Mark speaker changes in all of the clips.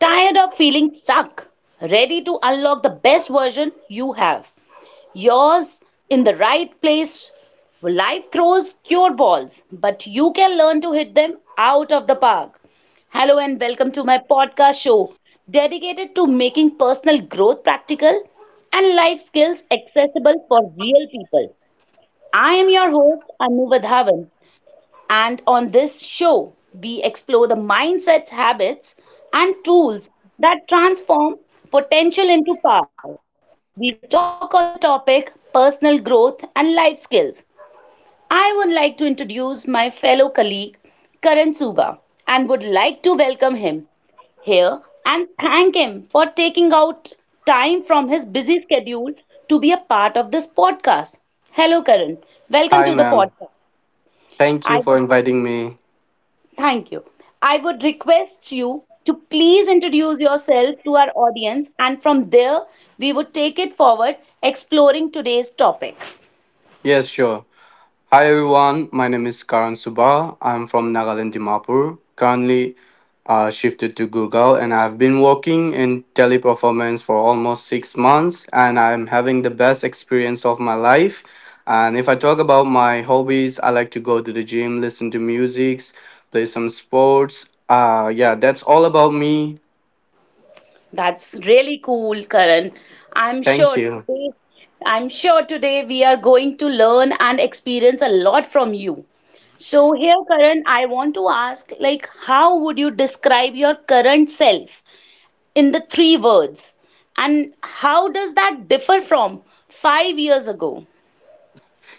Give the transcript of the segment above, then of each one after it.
Speaker 1: Tired of feeling stuck? Ready to unlock the best version you have? Yours in the right place. Life throws cure balls, but you can learn to hit them out of the park. Hello and welcome to my podcast show dedicated to making personal growth practical and life skills accessible for real people. I am your host Anu Vadhavan, and on this show, we explore the mindsets, habits, and tools that transform potential into power. We will talk on the topic personal growth and life skills. I would like to introduce my fellow colleague Karan Suba and would like to welcome him here and thank him for taking out time from his busy schedule to be a part of this podcast. Hello, Karan. Welcome
Speaker 2: Hi,
Speaker 1: to the
Speaker 2: ma'am.
Speaker 1: podcast.
Speaker 2: Thank you
Speaker 1: I
Speaker 2: for
Speaker 1: would
Speaker 2: inviting me.
Speaker 1: Thank you. I would request you to please introduce yourself to our audience, and from there, we would take it forward exploring today's topic.
Speaker 2: Yes, sure. Hi, everyone. My name is Karan Subha. I'm from Nagaland, Dimapur. Currently, shifted to Gurgaon, and I've been working in teleperformance for almost six months, and I'm having the best experience of my life. And if I talk about my hobbies, I like to go to the gym, listen to music, play some sports. Yeah, that's all about me.
Speaker 1: That's really cool, Karan. I'm
Speaker 2: Thank
Speaker 1: sure
Speaker 2: you.
Speaker 1: today, I'm sure today we are going to learn and experience a lot from you. So here, Karan, I want to ask, like, how would you describe your current self in the three words? And how does that differ from 5 years ago?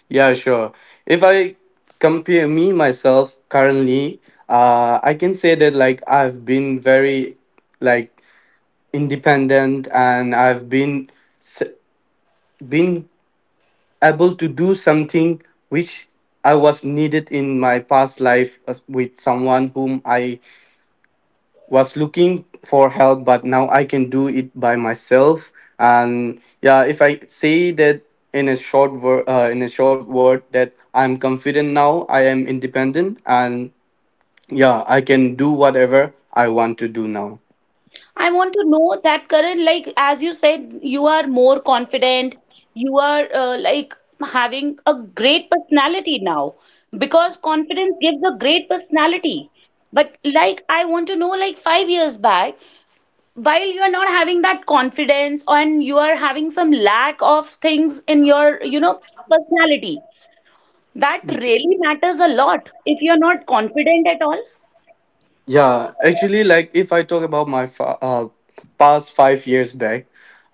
Speaker 2: Yeah, sure. If I compare me myself currently, I can say that like I've been very like independent and I've been s- been able to do something which I was needed in my past life with someone whom I was looking for help, but now I can do it by myself. And yeah, if I say that in a short word, in a short word, that I'm confident now, I am independent, and yeah, I can do whatever I want to do now.
Speaker 1: I want to know that Karan, like as you said, you are more confident. You are like having a great personality now because confidence gives a great personality. But like I want to know, like 5 years back, while you are not having that confidence and you are having some lack of things in your, you know, personality, that really matters a lot if you're not confident at all.
Speaker 2: Yeah, actually, like if I talk about my past five years back,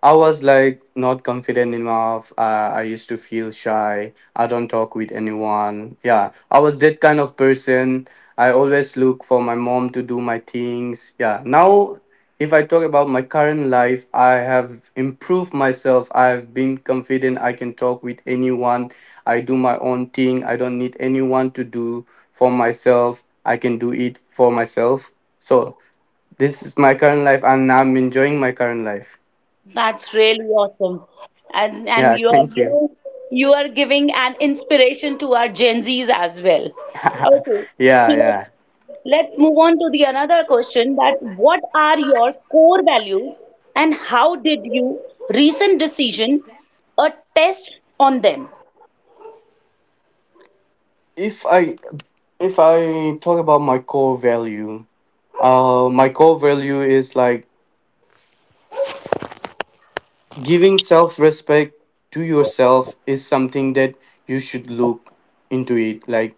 Speaker 2: I was like not confident enough. I used to feel shy. I don't talk with anyone. Yeah, I was that kind of person. I always look for my mom to do my things. Yeah, now if I talk about my current life, I have improved myself. I've been confident. I can talk with anyone. I do my own thing. I don't need anyone to do for myself. I can do it for myself. So, this is my current life, and I'm enjoying my current life.
Speaker 1: That's really awesome. And
Speaker 2: Yeah,
Speaker 1: you are,
Speaker 2: thank
Speaker 1: you
Speaker 2: you.
Speaker 1: know, you are giving an inspiration to our Gen Zs as well. Okay,
Speaker 2: Yeah, yeah.
Speaker 1: let's let's move on to the another question that what are your core values and how did you recent decision a test on them?
Speaker 2: If I if I talk about my core value is like giving self-respect to yourself is something that you should look into it. Like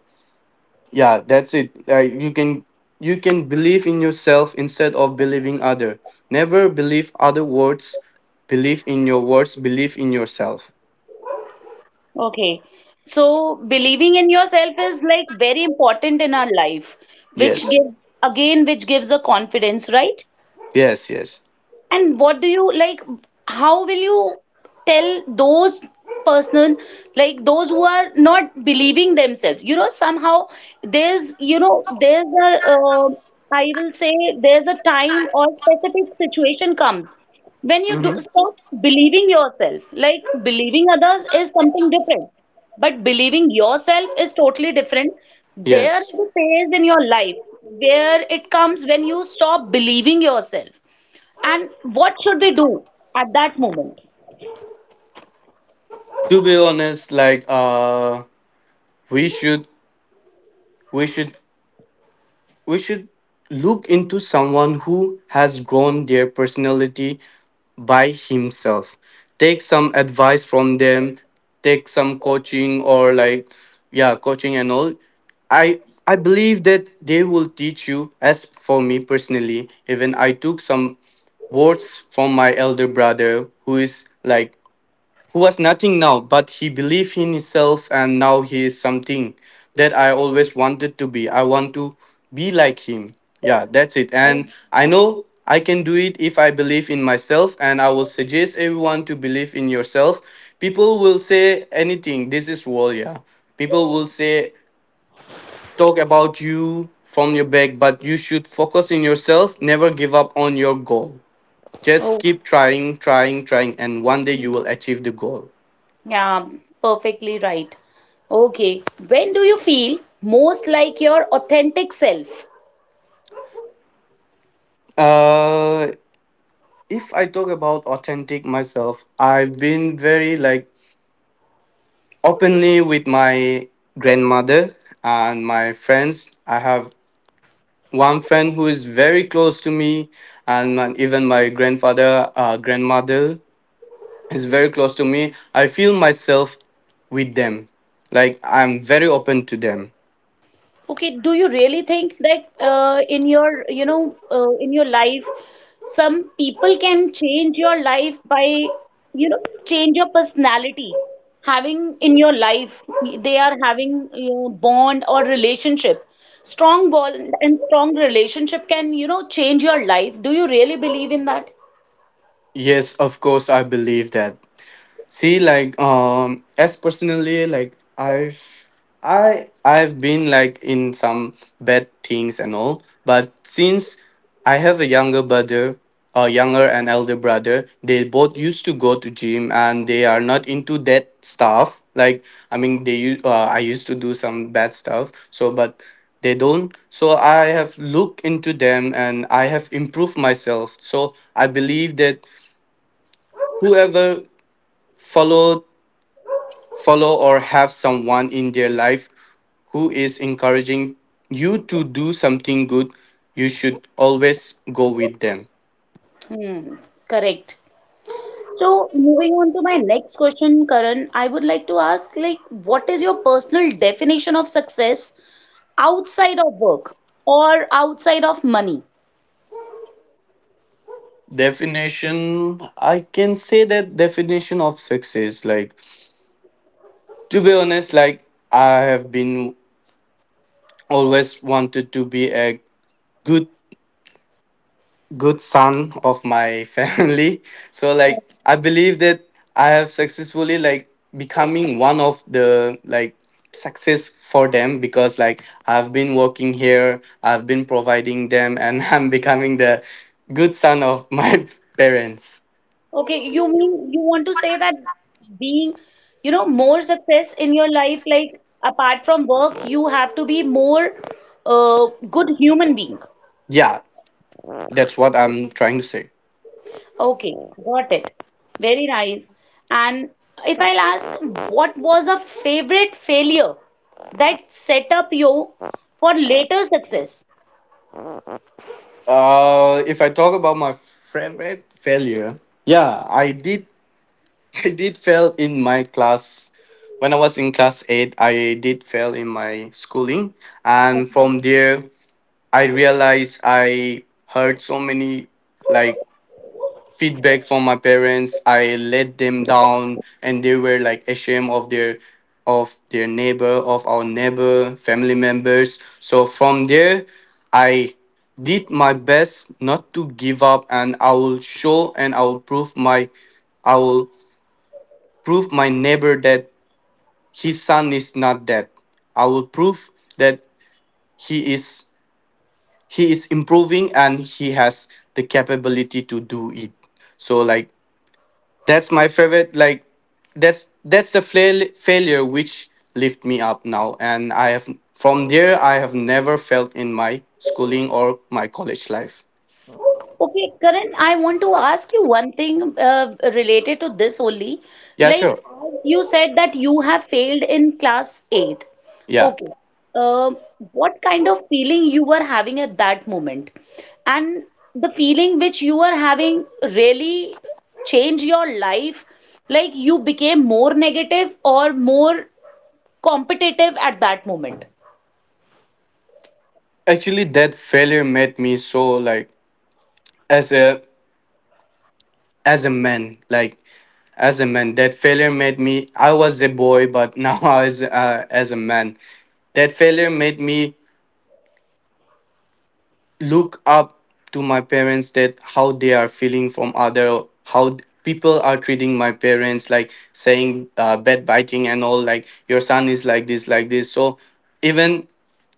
Speaker 2: yeah, that's it. Like you can believe in yourself instead of believing other. Never believe other words. Believe in your words, believe in yourself.
Speaker 1: Okay. So believing in yourself is like very important in our life, which
Speaker 2: Yes.
Speaker 1: gives again which gives a confidence, right?
Speaker 2: Yes, yes.
Speaker 1: And what do you like? How will you tell those person like those who are not believing themselves? You know, somehow there's you know there's a uh, I will say there's a time or specific situation comes when you do
Speaker 2: Mhm.
Speaker 1: stop believing yourself. Like believing others is something different, but believing yourself is totally different. There
Speaker 2: Yes.
Speaker 1: is a phase in your life where it comes when you stop believing yourself and what should we do at that moment?
Speaker 2: To be honest, like uh we should we should we should look into someone who has grown their personality by himself, take some advice from them, take some coaching, or like yeah, coaching and all. I i believe that they will teach you. As for me personally, even I took some words from my elder brother, who is like who was nothing now, but he believed in himself and now he is something that I always wanted to be. I want to be like him. Yeah, that's it. And I know I can do it if I believe in myself, and I will suggest everyone to believe in yourself. People will say anything. This is world. Yeah. People will say, talk about you from your back, but you should focus in yourself, never give up on your goal. Just
Speaker 1: Oh,
Speaker 2: keep trying, trying, trying, and one day you will achieve the goal.
Speaker 1: yeah, perfectly right. Okay, when do you feel most like your authentic self?
Speaker 2: Uh, if I talk about authentic myself, I've been very like openly with my grandmother and my friends. I have one friend who is very close to me, and even my grandfather, grandmother, is very close to me. I feel myself with them, like I'm very open to them.
Speaker 1: Okay, do you really think that in your, you know, in your life, some people can change your life by, you know, change your personality, having in your life, they are having, you know, bond or relationship. Strong bond and strong relationship can, you know, change your life. Do you really believe in that?
Speaker 2: Yes, of course, I believe that. See, like, as personally, like, I've been like in some bad things and all, but since I have a younger brother, a younger and elder brother, they both used to go to gym and they are not into that stuff. Like, I mean, I used to do some bad stuff, so, but they don't. So I have looked into them and I have improved myself. So I believe that whoever follow follow or have someone in their life who is encouraging you to do something good, you should always go with them.
Speaker 1: Hmm, correct. So moving on to my next question, Karan, I would like to ask, like, what is your personal definition of success? Outside of work or outside of money.
Speaker 2: Definition, I can say that definition of success like to be honest, like I have been always wanted to be a good good son of my family. So like I believe that I have successfully like becoming one of the like success for them, because like I've been working here, I've been providing them, and I'm becoming the good son of my parents.
Speaker 1: Okay, you mean you want to say that being, you know, more success in your life, like apart from work, you have to be more good human being.
Speaker 2: Yeah, that's what I'm trying to say.
Speaker 1: Okay, got it. Very nice. And if I'll ask, what was a favorite failure that set up you for later success?
Speaker 2: If I talk about my favorite failure, yeah, I did. I did fail in my class. When I was in class 8, I did fail in my schooling. And from there, I realized I heard so many like feedback from my parents. I let them down and they were like ashamed of their neighbor, of our neighbor, family members. So from there, I did my best not to give up, and I will show and I will prove my neighbor that his son is not dead. I will prove that he is he is improving and he has the capability to do it. So like that's my favorite like that's the failure which lift me up now, and I have from there I have never felt in my schooling or my college life.
Speaker 1: Okay, Karan, I want to ask you one thing related to this only.
Speaker 2: Yeah,
Speaker 1: Like,
Speaker 2: sure.
Speaker 1: as you said that you have failed in class eighth.
Speaker 2: Yeah.
Speaker 1: Okay. Um what kind of feeling you were having at that moment? And the feeling which you were having really changed your life? Like, you became more negative or more competitive at that moment?
Speaker 2: Actually that failure made me so like as a as a man, as a man that failure made me, I was a boy, but now as a man, that failure made me look up to my parents, that how they are feeling from other, how people are treating my parents, like saying bad biting and all like your son is like this, like this. So even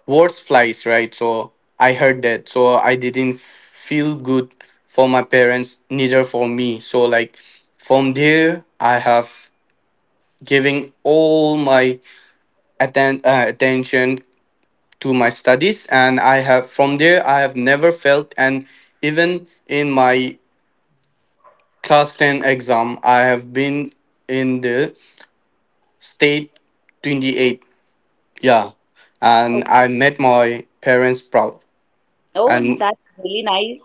Speaker 2: words flies, right? So I heard that, so I didn't feel good for my parents, neither for me. So like from there I have giving all my attention to my studies, and I have from there I have never felt. And even in my class 10 exam I have been in the state 28. Yeah, and I
Speaker 1: Okay.
Speaker 2: made my parents proud.
Speaker 1: Oh,
Speaker 2: And
Speaker 1: that's really nice.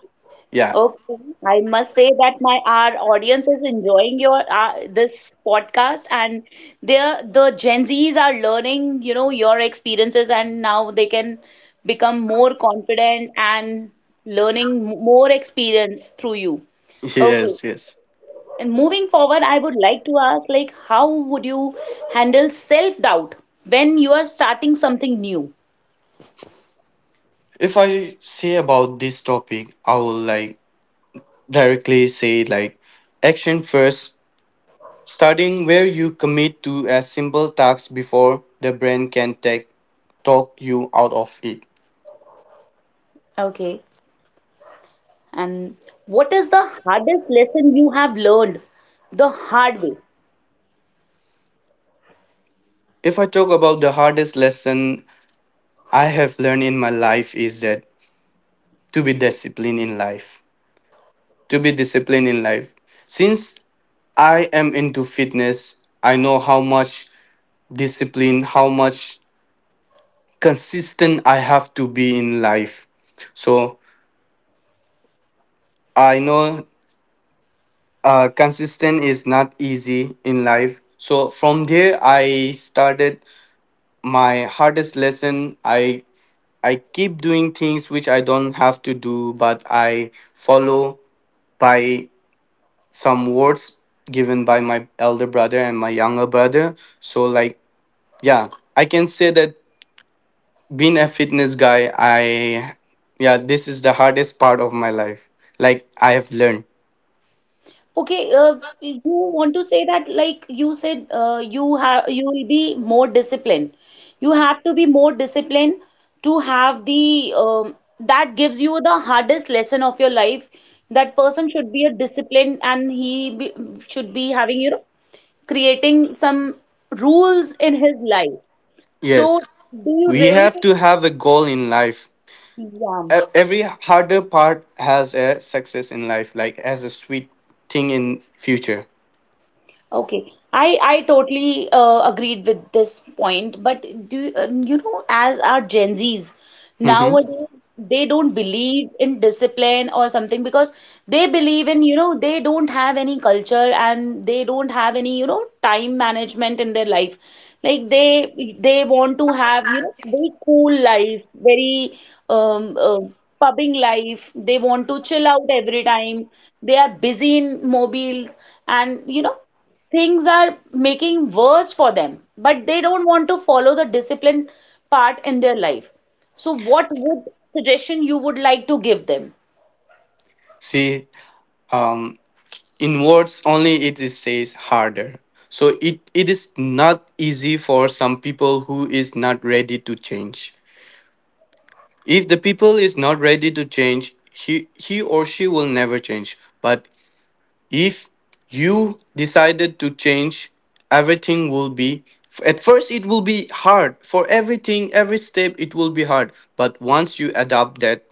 Speaker 2: yeah.
Speaker 1: Okay, I must say that my our audience is enjoying your this podcast and they're the Gen Zs are learning, you know, your experiences and now they can become more confident and learning more experience through you. Okay.
Speaker 2: Yes, yes.
Speaker 1: And moving forward, I would like to ask like how would you handle self-doubt when you are starting something new?
Speaker 2: If I say about this topic, I will like directly say like action first, starting where you commit to a simple task before the brain can take talk you out of it.
Speaker 1: Okay. And what is the hardest lesson you have learned the hard way?
Speaker 2: If I talk about the hardest lesson I have learned in my life, is that to be disciplined in life. To be disciplined in life. Since I am into fitness, I know how much discipline, how much consistent I have to be in life. So I know consistent is not easy in life. So from there I started my hardest lesson. I keep doing things which I don't have to do, but I follow by some words given by my elder brother and my younger brother. So like yeah, I can say that being a fitness guy, I yeah, this is the hardest part of my life. Like I have learned.
Speaker 1: Okay, you want to say that like you said, you have you will be more disciplined. You have to be more disciplined to have the that gives you the hardest lesson of your life. That person should be a disciplined and he be, should be having you know creating some rules in his life. So
Speaker 2: Yes.
Speaker 1: do you
Speaker 2: We
Speaker 1: really
Speaker 2: have
Speaker 1: think?
Speaker 2: to have a goal in life.
Speaker 1: Yeah.
Speaker 2: Every harder part has a success in life, like as a sweet thing in future.
Speaker 1: Okay, I totally agreed with this point, but you know, as our Gen Zs
Speaker 2: Hmm.
Speaker 1: nowadays, they don't believe in discipline or something because they believe in, you know, they don't have any culture and they don't have any, you know, time management in their life. Like they want to have, you know, very cool life, very um, uh, pubbing life. They want to chill out every time. They are busy in mobiles and you know things are making worse for them, but they don't want to follow the discipline part in their life. So, what would suggestion you would like to give them?
Speaker 2: See, um, in words only it is says harder. So it is not easy for some people who is not ready to change. If the people is not ready to change, he or she will never change. But if you decided to change, everything will be at first it will be hard for everything, every step it will be hard, but once you adopt that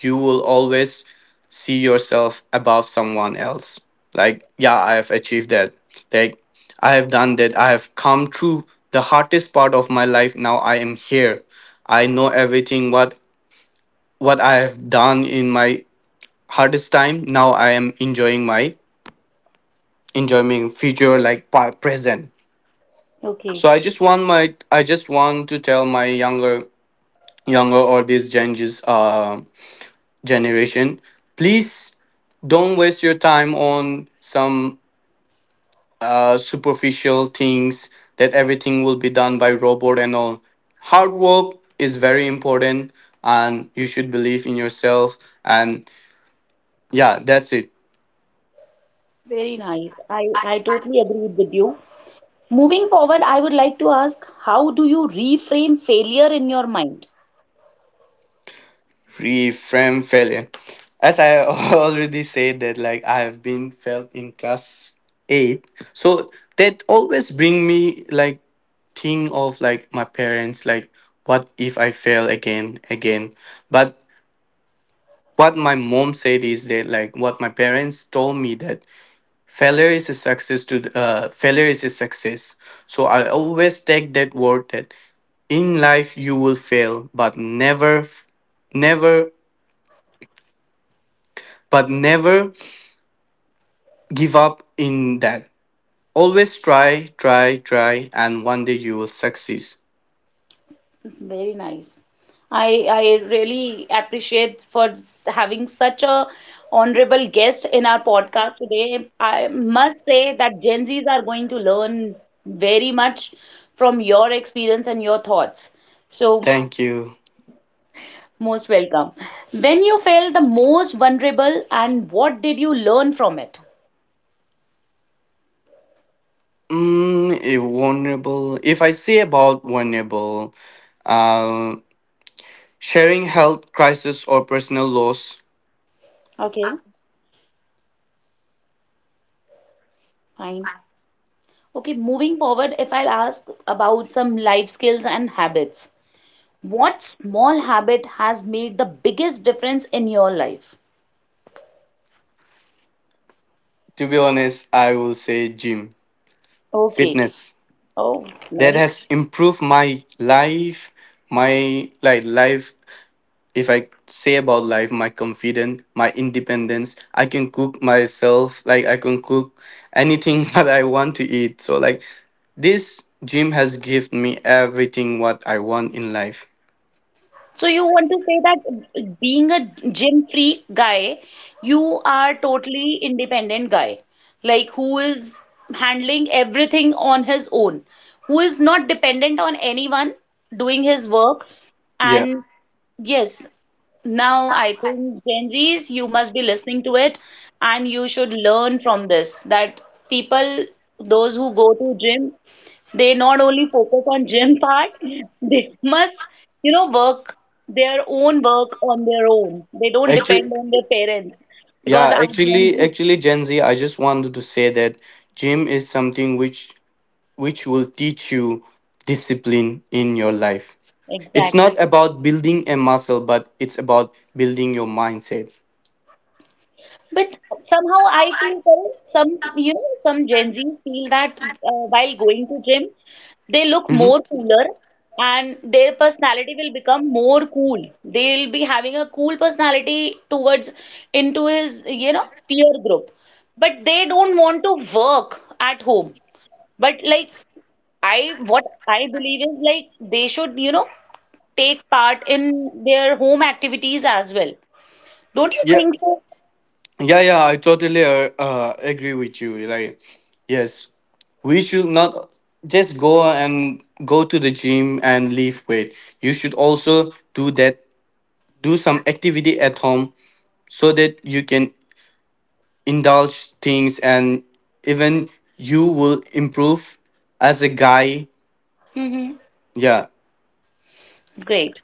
Speaker 2: you will always see yourself above someone else. Like yeah, I have achieved that. Like I have done that, I have come through the hardest part of my life. Now I am here. I know everything what I have done in my hardest time. Now I am enjoying my enjoying future like present.
Speaker 1: Okay,
Speaker 2: So I just want to tell my younger or this changes generation, please don't waste your time on some superficial things, that everything will be done by robot and all. Hard work is very important, and you should believe in yourself, and yeah, that's it.
Speaker 1: very nice. I totally agree with you. Moving forward, I would like to ask, how do you reframe failure in your mind?
Speaker 2: Pre from failure. As I already said that like I have been failed in class 8, so that always bring me like think of like my parents, like what if I fail again. But what my mom said is that like what my parents told me that failure is a success to the, failure is a success. So I always take that word that in life you will fail, but never, f- never but never give up in that. Always try, try, try, and one day you will succeed.
Speaker 1: Very nice. I really appreciate for having such a honorable guest in our podcast today. I must say that Gen Zs are going to learn very much from your experience and your thoughts. So,
Speaker 2: Thank you.
Speaker 1: most welcome. When you felt the most vulnerable and what did you learn from it?
Speaker 2: Mm, if vulnerable, if I say about vulnerable, uh, sharing health crisis or personal loss.
Speaker 1: Okay, fine. Okay, moving forward, if I'll ask about some life skills and habits. What small habit has made the biggest difference in your life?
Speaker 2: To be honest, I will say gym,
Speaker 1: Okay.
Speaker 2: fitness.
Speaker 1: Oh,
Speaker 2: That
Speaker 1: nice.
Speaker 2: has improved my life, my like life if I say about life, my confidence, my independence, I can cook myself. Like I can cook anything that I want to eat. So like this gym has given me everything what I want in life.
Speaker 1: So you want to say that being a gym free guy, you are totally independent guy, like who is handling everything on his own, who is not dependent on anyone doing his work.
Speaker 2: Yeah.
Speaker 1: And yes, now I think Gen Zs, you must be listening to it and you should learn from this that people, those who go to gym they not only focus on gym part, they must, you know, work their own work on their own. They don't
Speaker 2: Actually,
Speaker 1: depend on their parents because
Speaker 2: yeah,
Speaker 1: our Gen
Speaker 2: actually,
Speaker 1: Zs,
Speaker 2: actually, Gen Z, I just wanted to say that gym is something which will teach you discipline in your life. It's
Speaker 1: exactly.
Speaker 2: not about building a muscle, but it's about building your mindset.
Speaker 1: But somehow I feel that some, you know, some Gen Zs feel that while going to gym, they look
Speaker 2: Mhm.
Speaker 1: more cooler and their personality will become more cool. They'll be having a cool personality towards into his, you know, peer group. But they don't want to work at home. But like I, what I believe is like they should, you know, take part in their home activities as well. Don't you
Speaker 2: Yeah,
Speaker 1: think so?
Speaker 2: Yeah, yeah, I totally agree with you. Like, yes, we should not just go to the gym and lift weight. You should also do that, do some activity at home so that you can indulge things and even you will improve as a guy.
Speaker 1: Mm-hmm.
Speaker 2: Yeah.
Speaker 1: Great.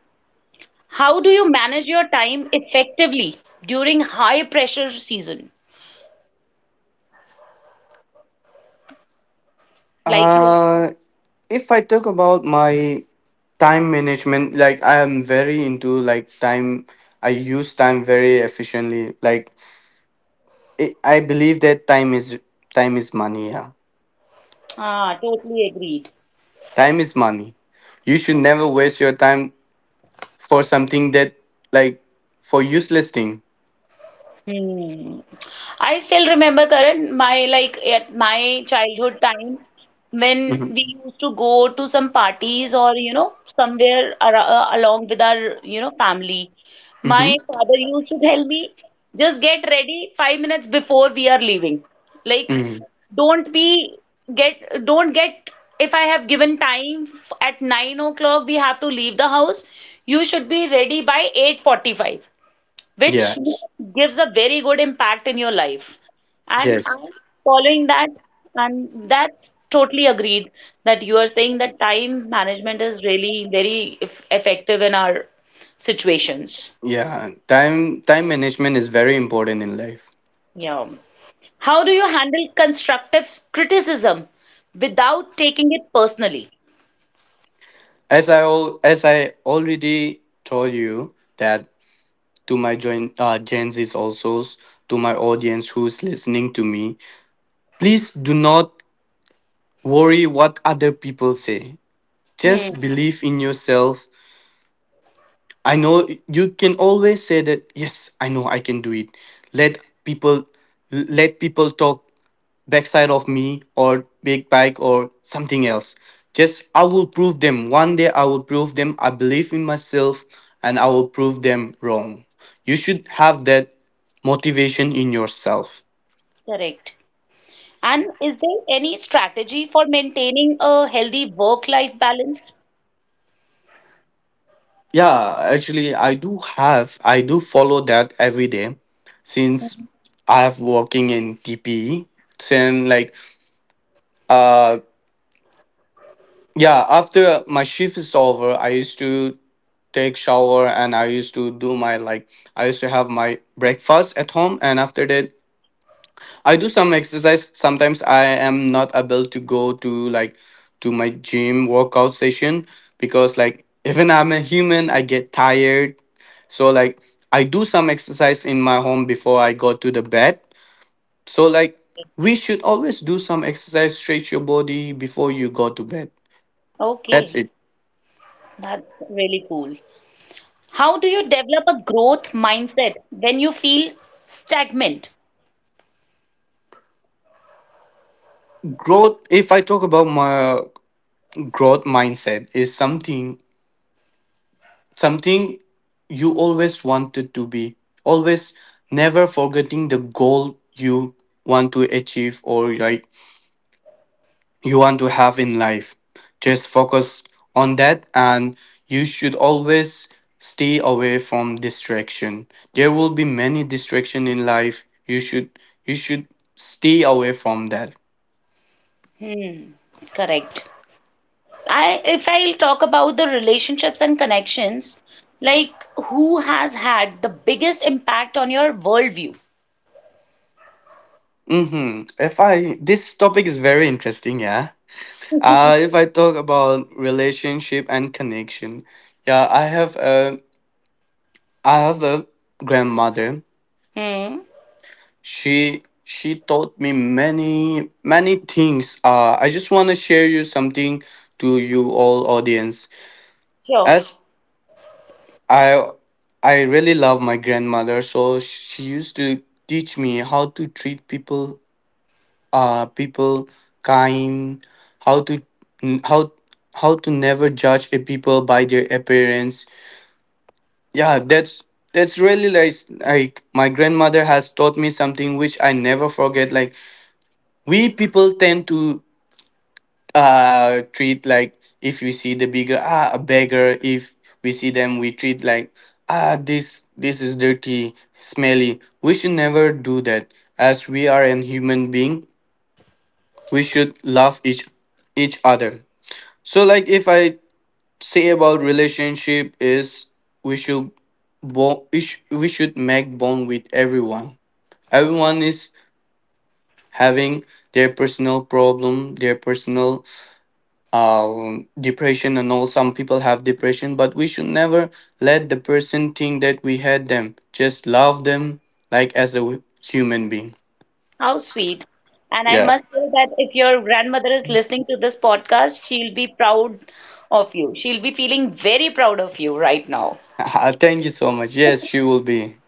Speaker 1: How do you manage your time effectively during high pressure season? Like you,
Speaker 2: Uh, if I talk about my time management, like I am very into like time. I use time very efficiently. Like I believe that time is money. Yeah,
Speaker 1: ah, totally agreed.
Speaker 2: time is money. You should never waste your time for something that like for useless thing.
Speaker 1: Hmm. I still remember, Karan, my like at my childhood time when
Speaker 2: Mm-hmm.
Speaker 1: we used to go to some parties or you know somewhere ar along with our you know family.
Speaker 2: Mm-hmm.
Speaker 1: My father used to tell me, just get ready 5 minutes before we are leaving. Like,
Speaker 2: Mm-hmm.
Speaker 1: don't be don't get if I have given time at 9 o'clock we have to leave the house. You should be ready by 8:45 which
Speaker 2: Yeah.
Speaker 1: gives a very good impact in your life. And
Speaker 2: Yes.
Speaker 1: I'm following that, and that's totally agreed that you are saying that time management is really effective in our situations.
Speaker 2: Yeah. Time management is very important in life.
Speaker 1: Yeah. How do you handle constructive criticism without taking it personally?
Speaker 2: As I already told you that to my join Gen Z's also to my audience who's listening to me, please do not worry what other people say.
Speaker 1: Hmm,
Speaker 2: Just believe in yourself. I know you can always say that, yes, I know I can do it. Let people Let people talk backside of me or big bike or something else. Just I will prove them. One day I will prove them I believe in myself and I will prove them wrong. You should have that motivation in yourself.
Speaker 1: correct. And is there any strategy for maintaining a healthy work-life balance?
Speaker 2: Yeah, actually, I do follow that every day since I have working in TPE. Then, uh, yeah, after my shift is over, I used to take shower and I used to do my I used to have my breakfast at home, and after that, I do some exercise. Sometimes I am not able to go to to my gym workout session because like even I'm a human, I get tired. So like I do some exercise in my home before I go to the bed. So like we should always do some exercise, stretch your body before you go to bed. That's
Speaker 1: Okay,
Speaker 2: it.
Speaker 1: that's really cool. How do you develop a growth mindset when you feel stagnant?
Speaker 2: Growth If I talk about my growth mindset, is something you always wanted to be. Always never forgetting the goal you want to achieve or like you want to have in life. Just focus on that and you should always stay away from distraction. There will be many distraction in life. You should stay away from that.
Speaker 1: Hmm, correct. I if I'll talk about the relationships and connections, like who has had the biggest impact on your worldview?
Speaker 2: Mhm. If I This topic is very interesting, yeah. If I talk about relationship and connection. Yeah, I have a grandmother.
Speaker 1: Hmm,
Speaker 2: She taught me many many things. I just want to share you something to you all audience.
Speaker 1: sure.
Speaker 2: As i I really love my grandmother, so she used to teach me how to treat people, uh people kind, how to how how to never judge a people by their appearance. Yeah, that's really like my grandmother has taught me something which I never forget. Like we people tend to treat like, if we see the bigger ah a beggar, if we see them, we treat like, ah, this is dirty, smelly. We should never do that. As we are an human being, we should love each other. So like if I say about relationship is we should we should make bond with everyone. Everyone is having their personal problem, their personal depression and all. Some people have depression, but we should never let the person think that we hate them. Just love them like as a human being.
Speaker 1: How sweet. And I
Speaker 2: Yeah.
Speaker 1: must say that if your grandmother is listening to this podcast, she'll be proud of you. She'll be feeling very proud of you right now.
Speaker 2: Thank you so much. Yes, she will be.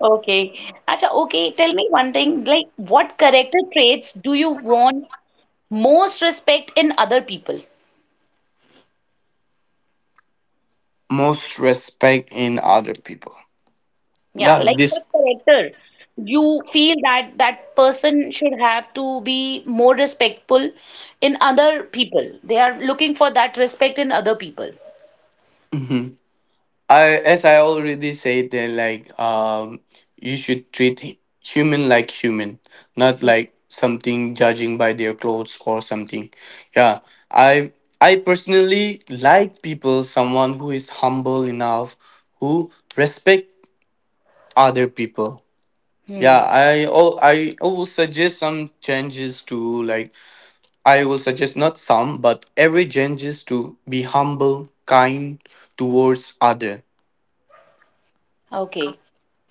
Speaker 1: Okay. Acha, okay, tell me one thing, like what character traits do you want most respect in other people?
Speaker 2: most respect in other people
Speaker 1: Yeah,
Speaker 2: yeah
Speaker 1: like what
Speaker 2: this
Speaker 1: character you feel that that person should have to be more respectful in other people? They are looking for that respect in other people.
Speaker 2: Mhm. I As I already said then like you should treat human like human, not like something judging by their clothes or something. Yeah. I I personally like people, someone who is humble enough, who respect other people. Yeah,
Speaker 1: Hmm.
Speaker 2: I will suggest some changes to like I will suggest not some but every changes to be humble, kind towards other.
Speaker 1: Okay.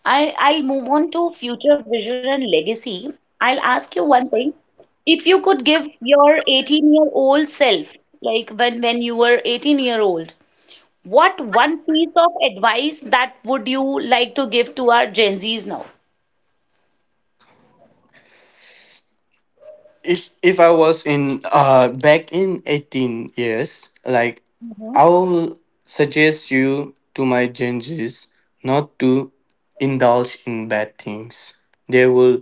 Speaker 1: I'll move on to future vision and legacy. I'll ask you one thing. If you could give your 18-year-old self, like when you were 18-year-old, what one piece of advice that would you like to give to our Gen Zs now?
Speaker 2: If I was in back in 18 years, like
Speaker 1: Mhm.
Speaker 2: I'll suggest you to my gingers not to indulge in bad things. They will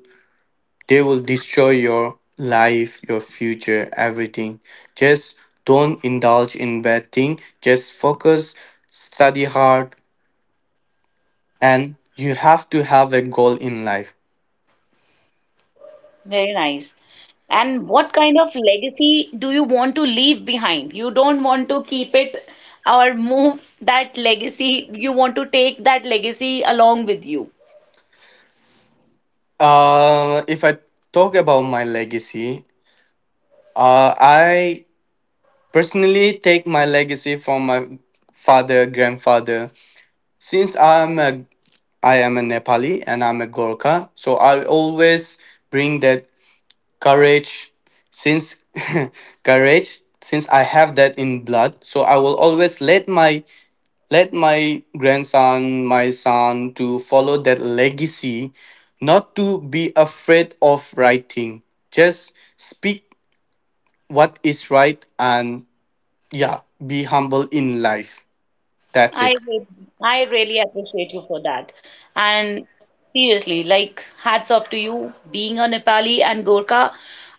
Speaker 2: they will destroy your life, your future, everything. Just don't indulge in bad thing. Just focus, study hard, and you have to have a goal in life.
Speaker 1: Very nice. And what kind of legacy do you want to leave behind? You don't want to keep it or move that legacy. You want to take that legacy along with you.
Speaker 2: If I talk about my legacy, I personally, take my legacy from my father, grandfather. Since I am a Nepali and I'm a Gorkha, so I always bring that courage. Since courage, since I have that in blood, so I will always let my grandson, my son, to follow that legacy, not to be afraid of writing. Just speak what is right and yeah, be humble in life. That's it.
Speaker 1: I re- I really appreciate you for that. And seriously, like hats off to you being a Nepali and Gorkha.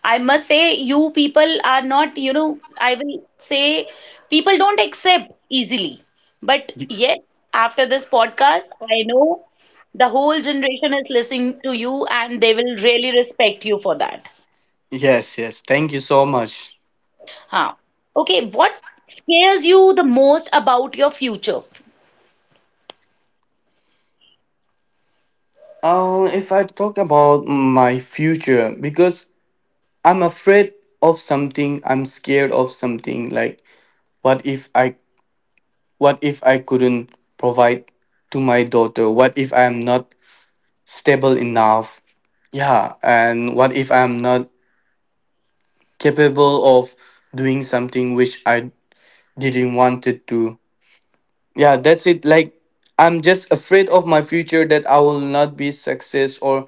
Speaker 1: I must say you people are not, you know, I will say people don't accept easily. But
Speaker 2: Y-
Speaker 1: yes, after this podcast, I know the whole generation is listening to you and they will really respect you for that.
Speaker 2: Yes, yes. Thank you so much.
Speaker 1: Huh. Okay, what scares you the most about your future?
Speaker 2: If I talk about my future, because I'm afraid of something, I'm scared of something. Like, what if I, what if I couldn't provide to my daughter? What if I'm not stable enough? Yeah, and what if I'm not capable of doing something which I didn't wanted to? Yeah, that's it. Like I'm just afraid of my future that I will not be success. Or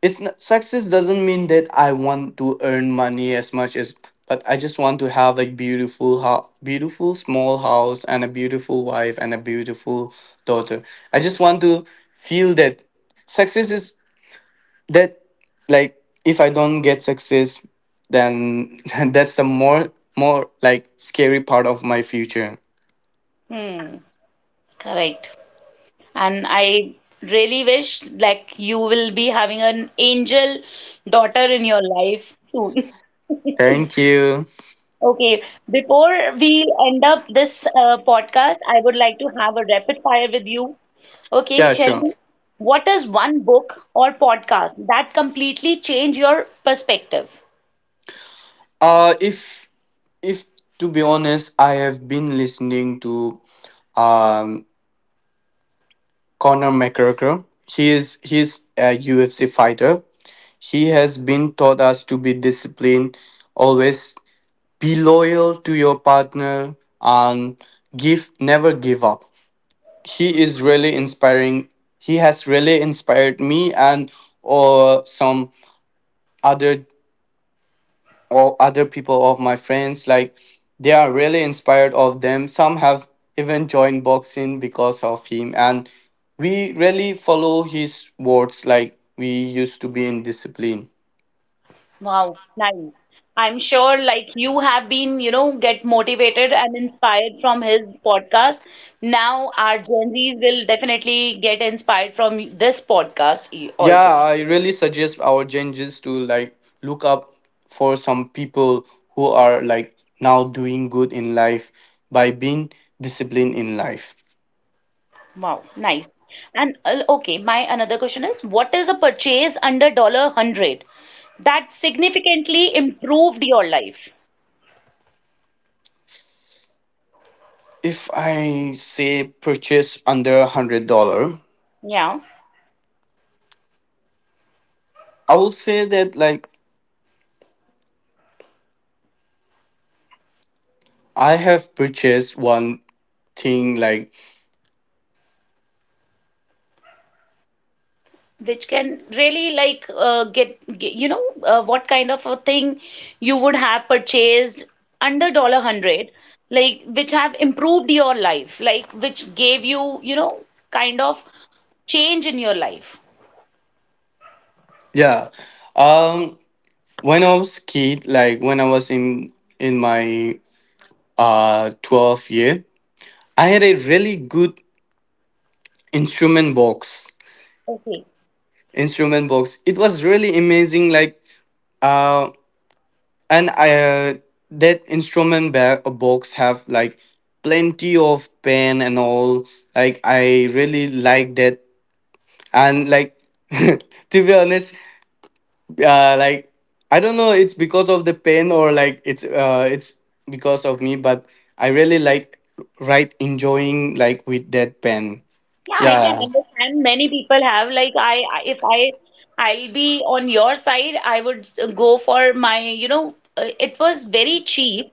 Speaker 2: it's not success doesn't mean that I want to earn money as much as, but I just want to have like beautiful house, beautiful small house and a beautiful wife and a beautiful daughter. I just want to feel that success is that like if I don't get success, then that's the more like scary part of my future.
Speaker 1: Hmm, correct. And I really wish like you will be having an angel daughter in your life soon.
Speaker 2: Thank you.
Speaker 1: Okay, before we end up this podcast, I would like to have a rapid fire with you. Okay,
Speaker 2: Yeah,
Speaker 1: tell
Speaker 2: sure.
Speaker 1: me, what is one book or podcast that completely changed your perspective?
Speaker 2: Uh, if if to be honest, I have been listening to um Conor McGregor. He is a UFC fighter. He has been taught us to be disciplined, always be loyal to your partner, and give never give up. He is really inspiring. He has really inspired me. And or some other or other people of my friends, like they are really inspired of them. Some have even joined boxing because of him, and we really follow his words like we used to be in discipline.
Speaker 1: Wow, nice. I'm sure like you have been, you know, get motivated and inspired from his podcast. Now our Gen Zs will definitely get inspired from this podcast
Speaker 2: Yeah,
Speaker 1: also.
Speaker 2: I really suggest our changes to like look up for some people who are like now doing good in life by being disciplined in life.
Speaker 1: Wow, nice. And okay, my another question is what is a purchase under dollar hundred that significantly improved your life?
Speaker 2: If I say purchase under $100,
Speaker 1: Yeah.
Speaker 2: I would say that like I have purchased one thing like.
Speaker 1: Which can really like get you know what kind of a thing you would have purchased under dollar hundred like which have improved your life like which gave you you know kind of change in your life.
Speaker 2: Yeah. Um when I was kid, like when I was in my 12th year, I had a really good instrument box.
Speaker 1: Okay,
Speaker 2: Instrument box. It was really amazing like uh and I that box have like plenty of pen and all. Like I really like that and like to be honest like I don't know it's because of the pen or like it's because of me, but I really like write enjoying like with that pen.
Speaker 1: yeah, I can
Speaker 2: Yeah.
Speaker 1: understand many people have like if I'll be on your side I would go for my you know it was very cheap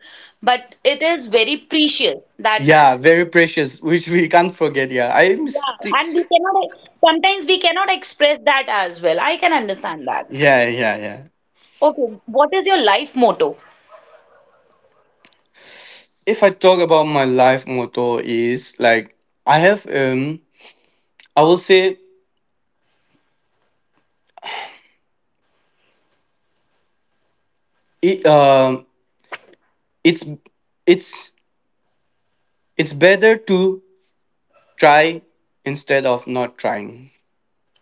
Speaker 1: but it is very precious that.
Speaker 2: Yeah, very precious. Which we can't forget. Yeah, i'm
Speaker 1: Yeah,
Speaker 2: sti-
Speaker 1: and we cannot, e, sometimes we cannot express that as well. I can understand that.
Speaker 2: yeah yeah yeah.
Speaker 1: Okay, what is your life motto?
Speaker 2: If I talk about my life motto is like I have I will say it it's it's it's better to try instead of not trying.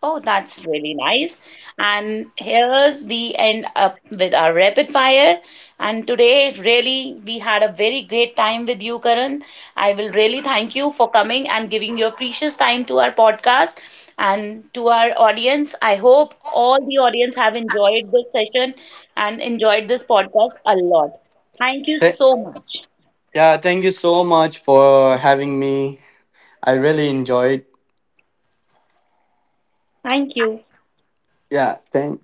Speaker 1: Oh, that's really nice. And here's we end up with our rapid fire. And today, really, we had a very great time with you, Karan. I will really thank you for coming and giving your precious time to our podcast and to our audience. I hope all the audience have enjoyed this session and enjoyed this podcast a lot. Thank you so much.
Speaker 2: Yeah, thank you so much for having me. I really enjoyed.
Speaker 1: Thank you.
Speaker 2: Yeah, thank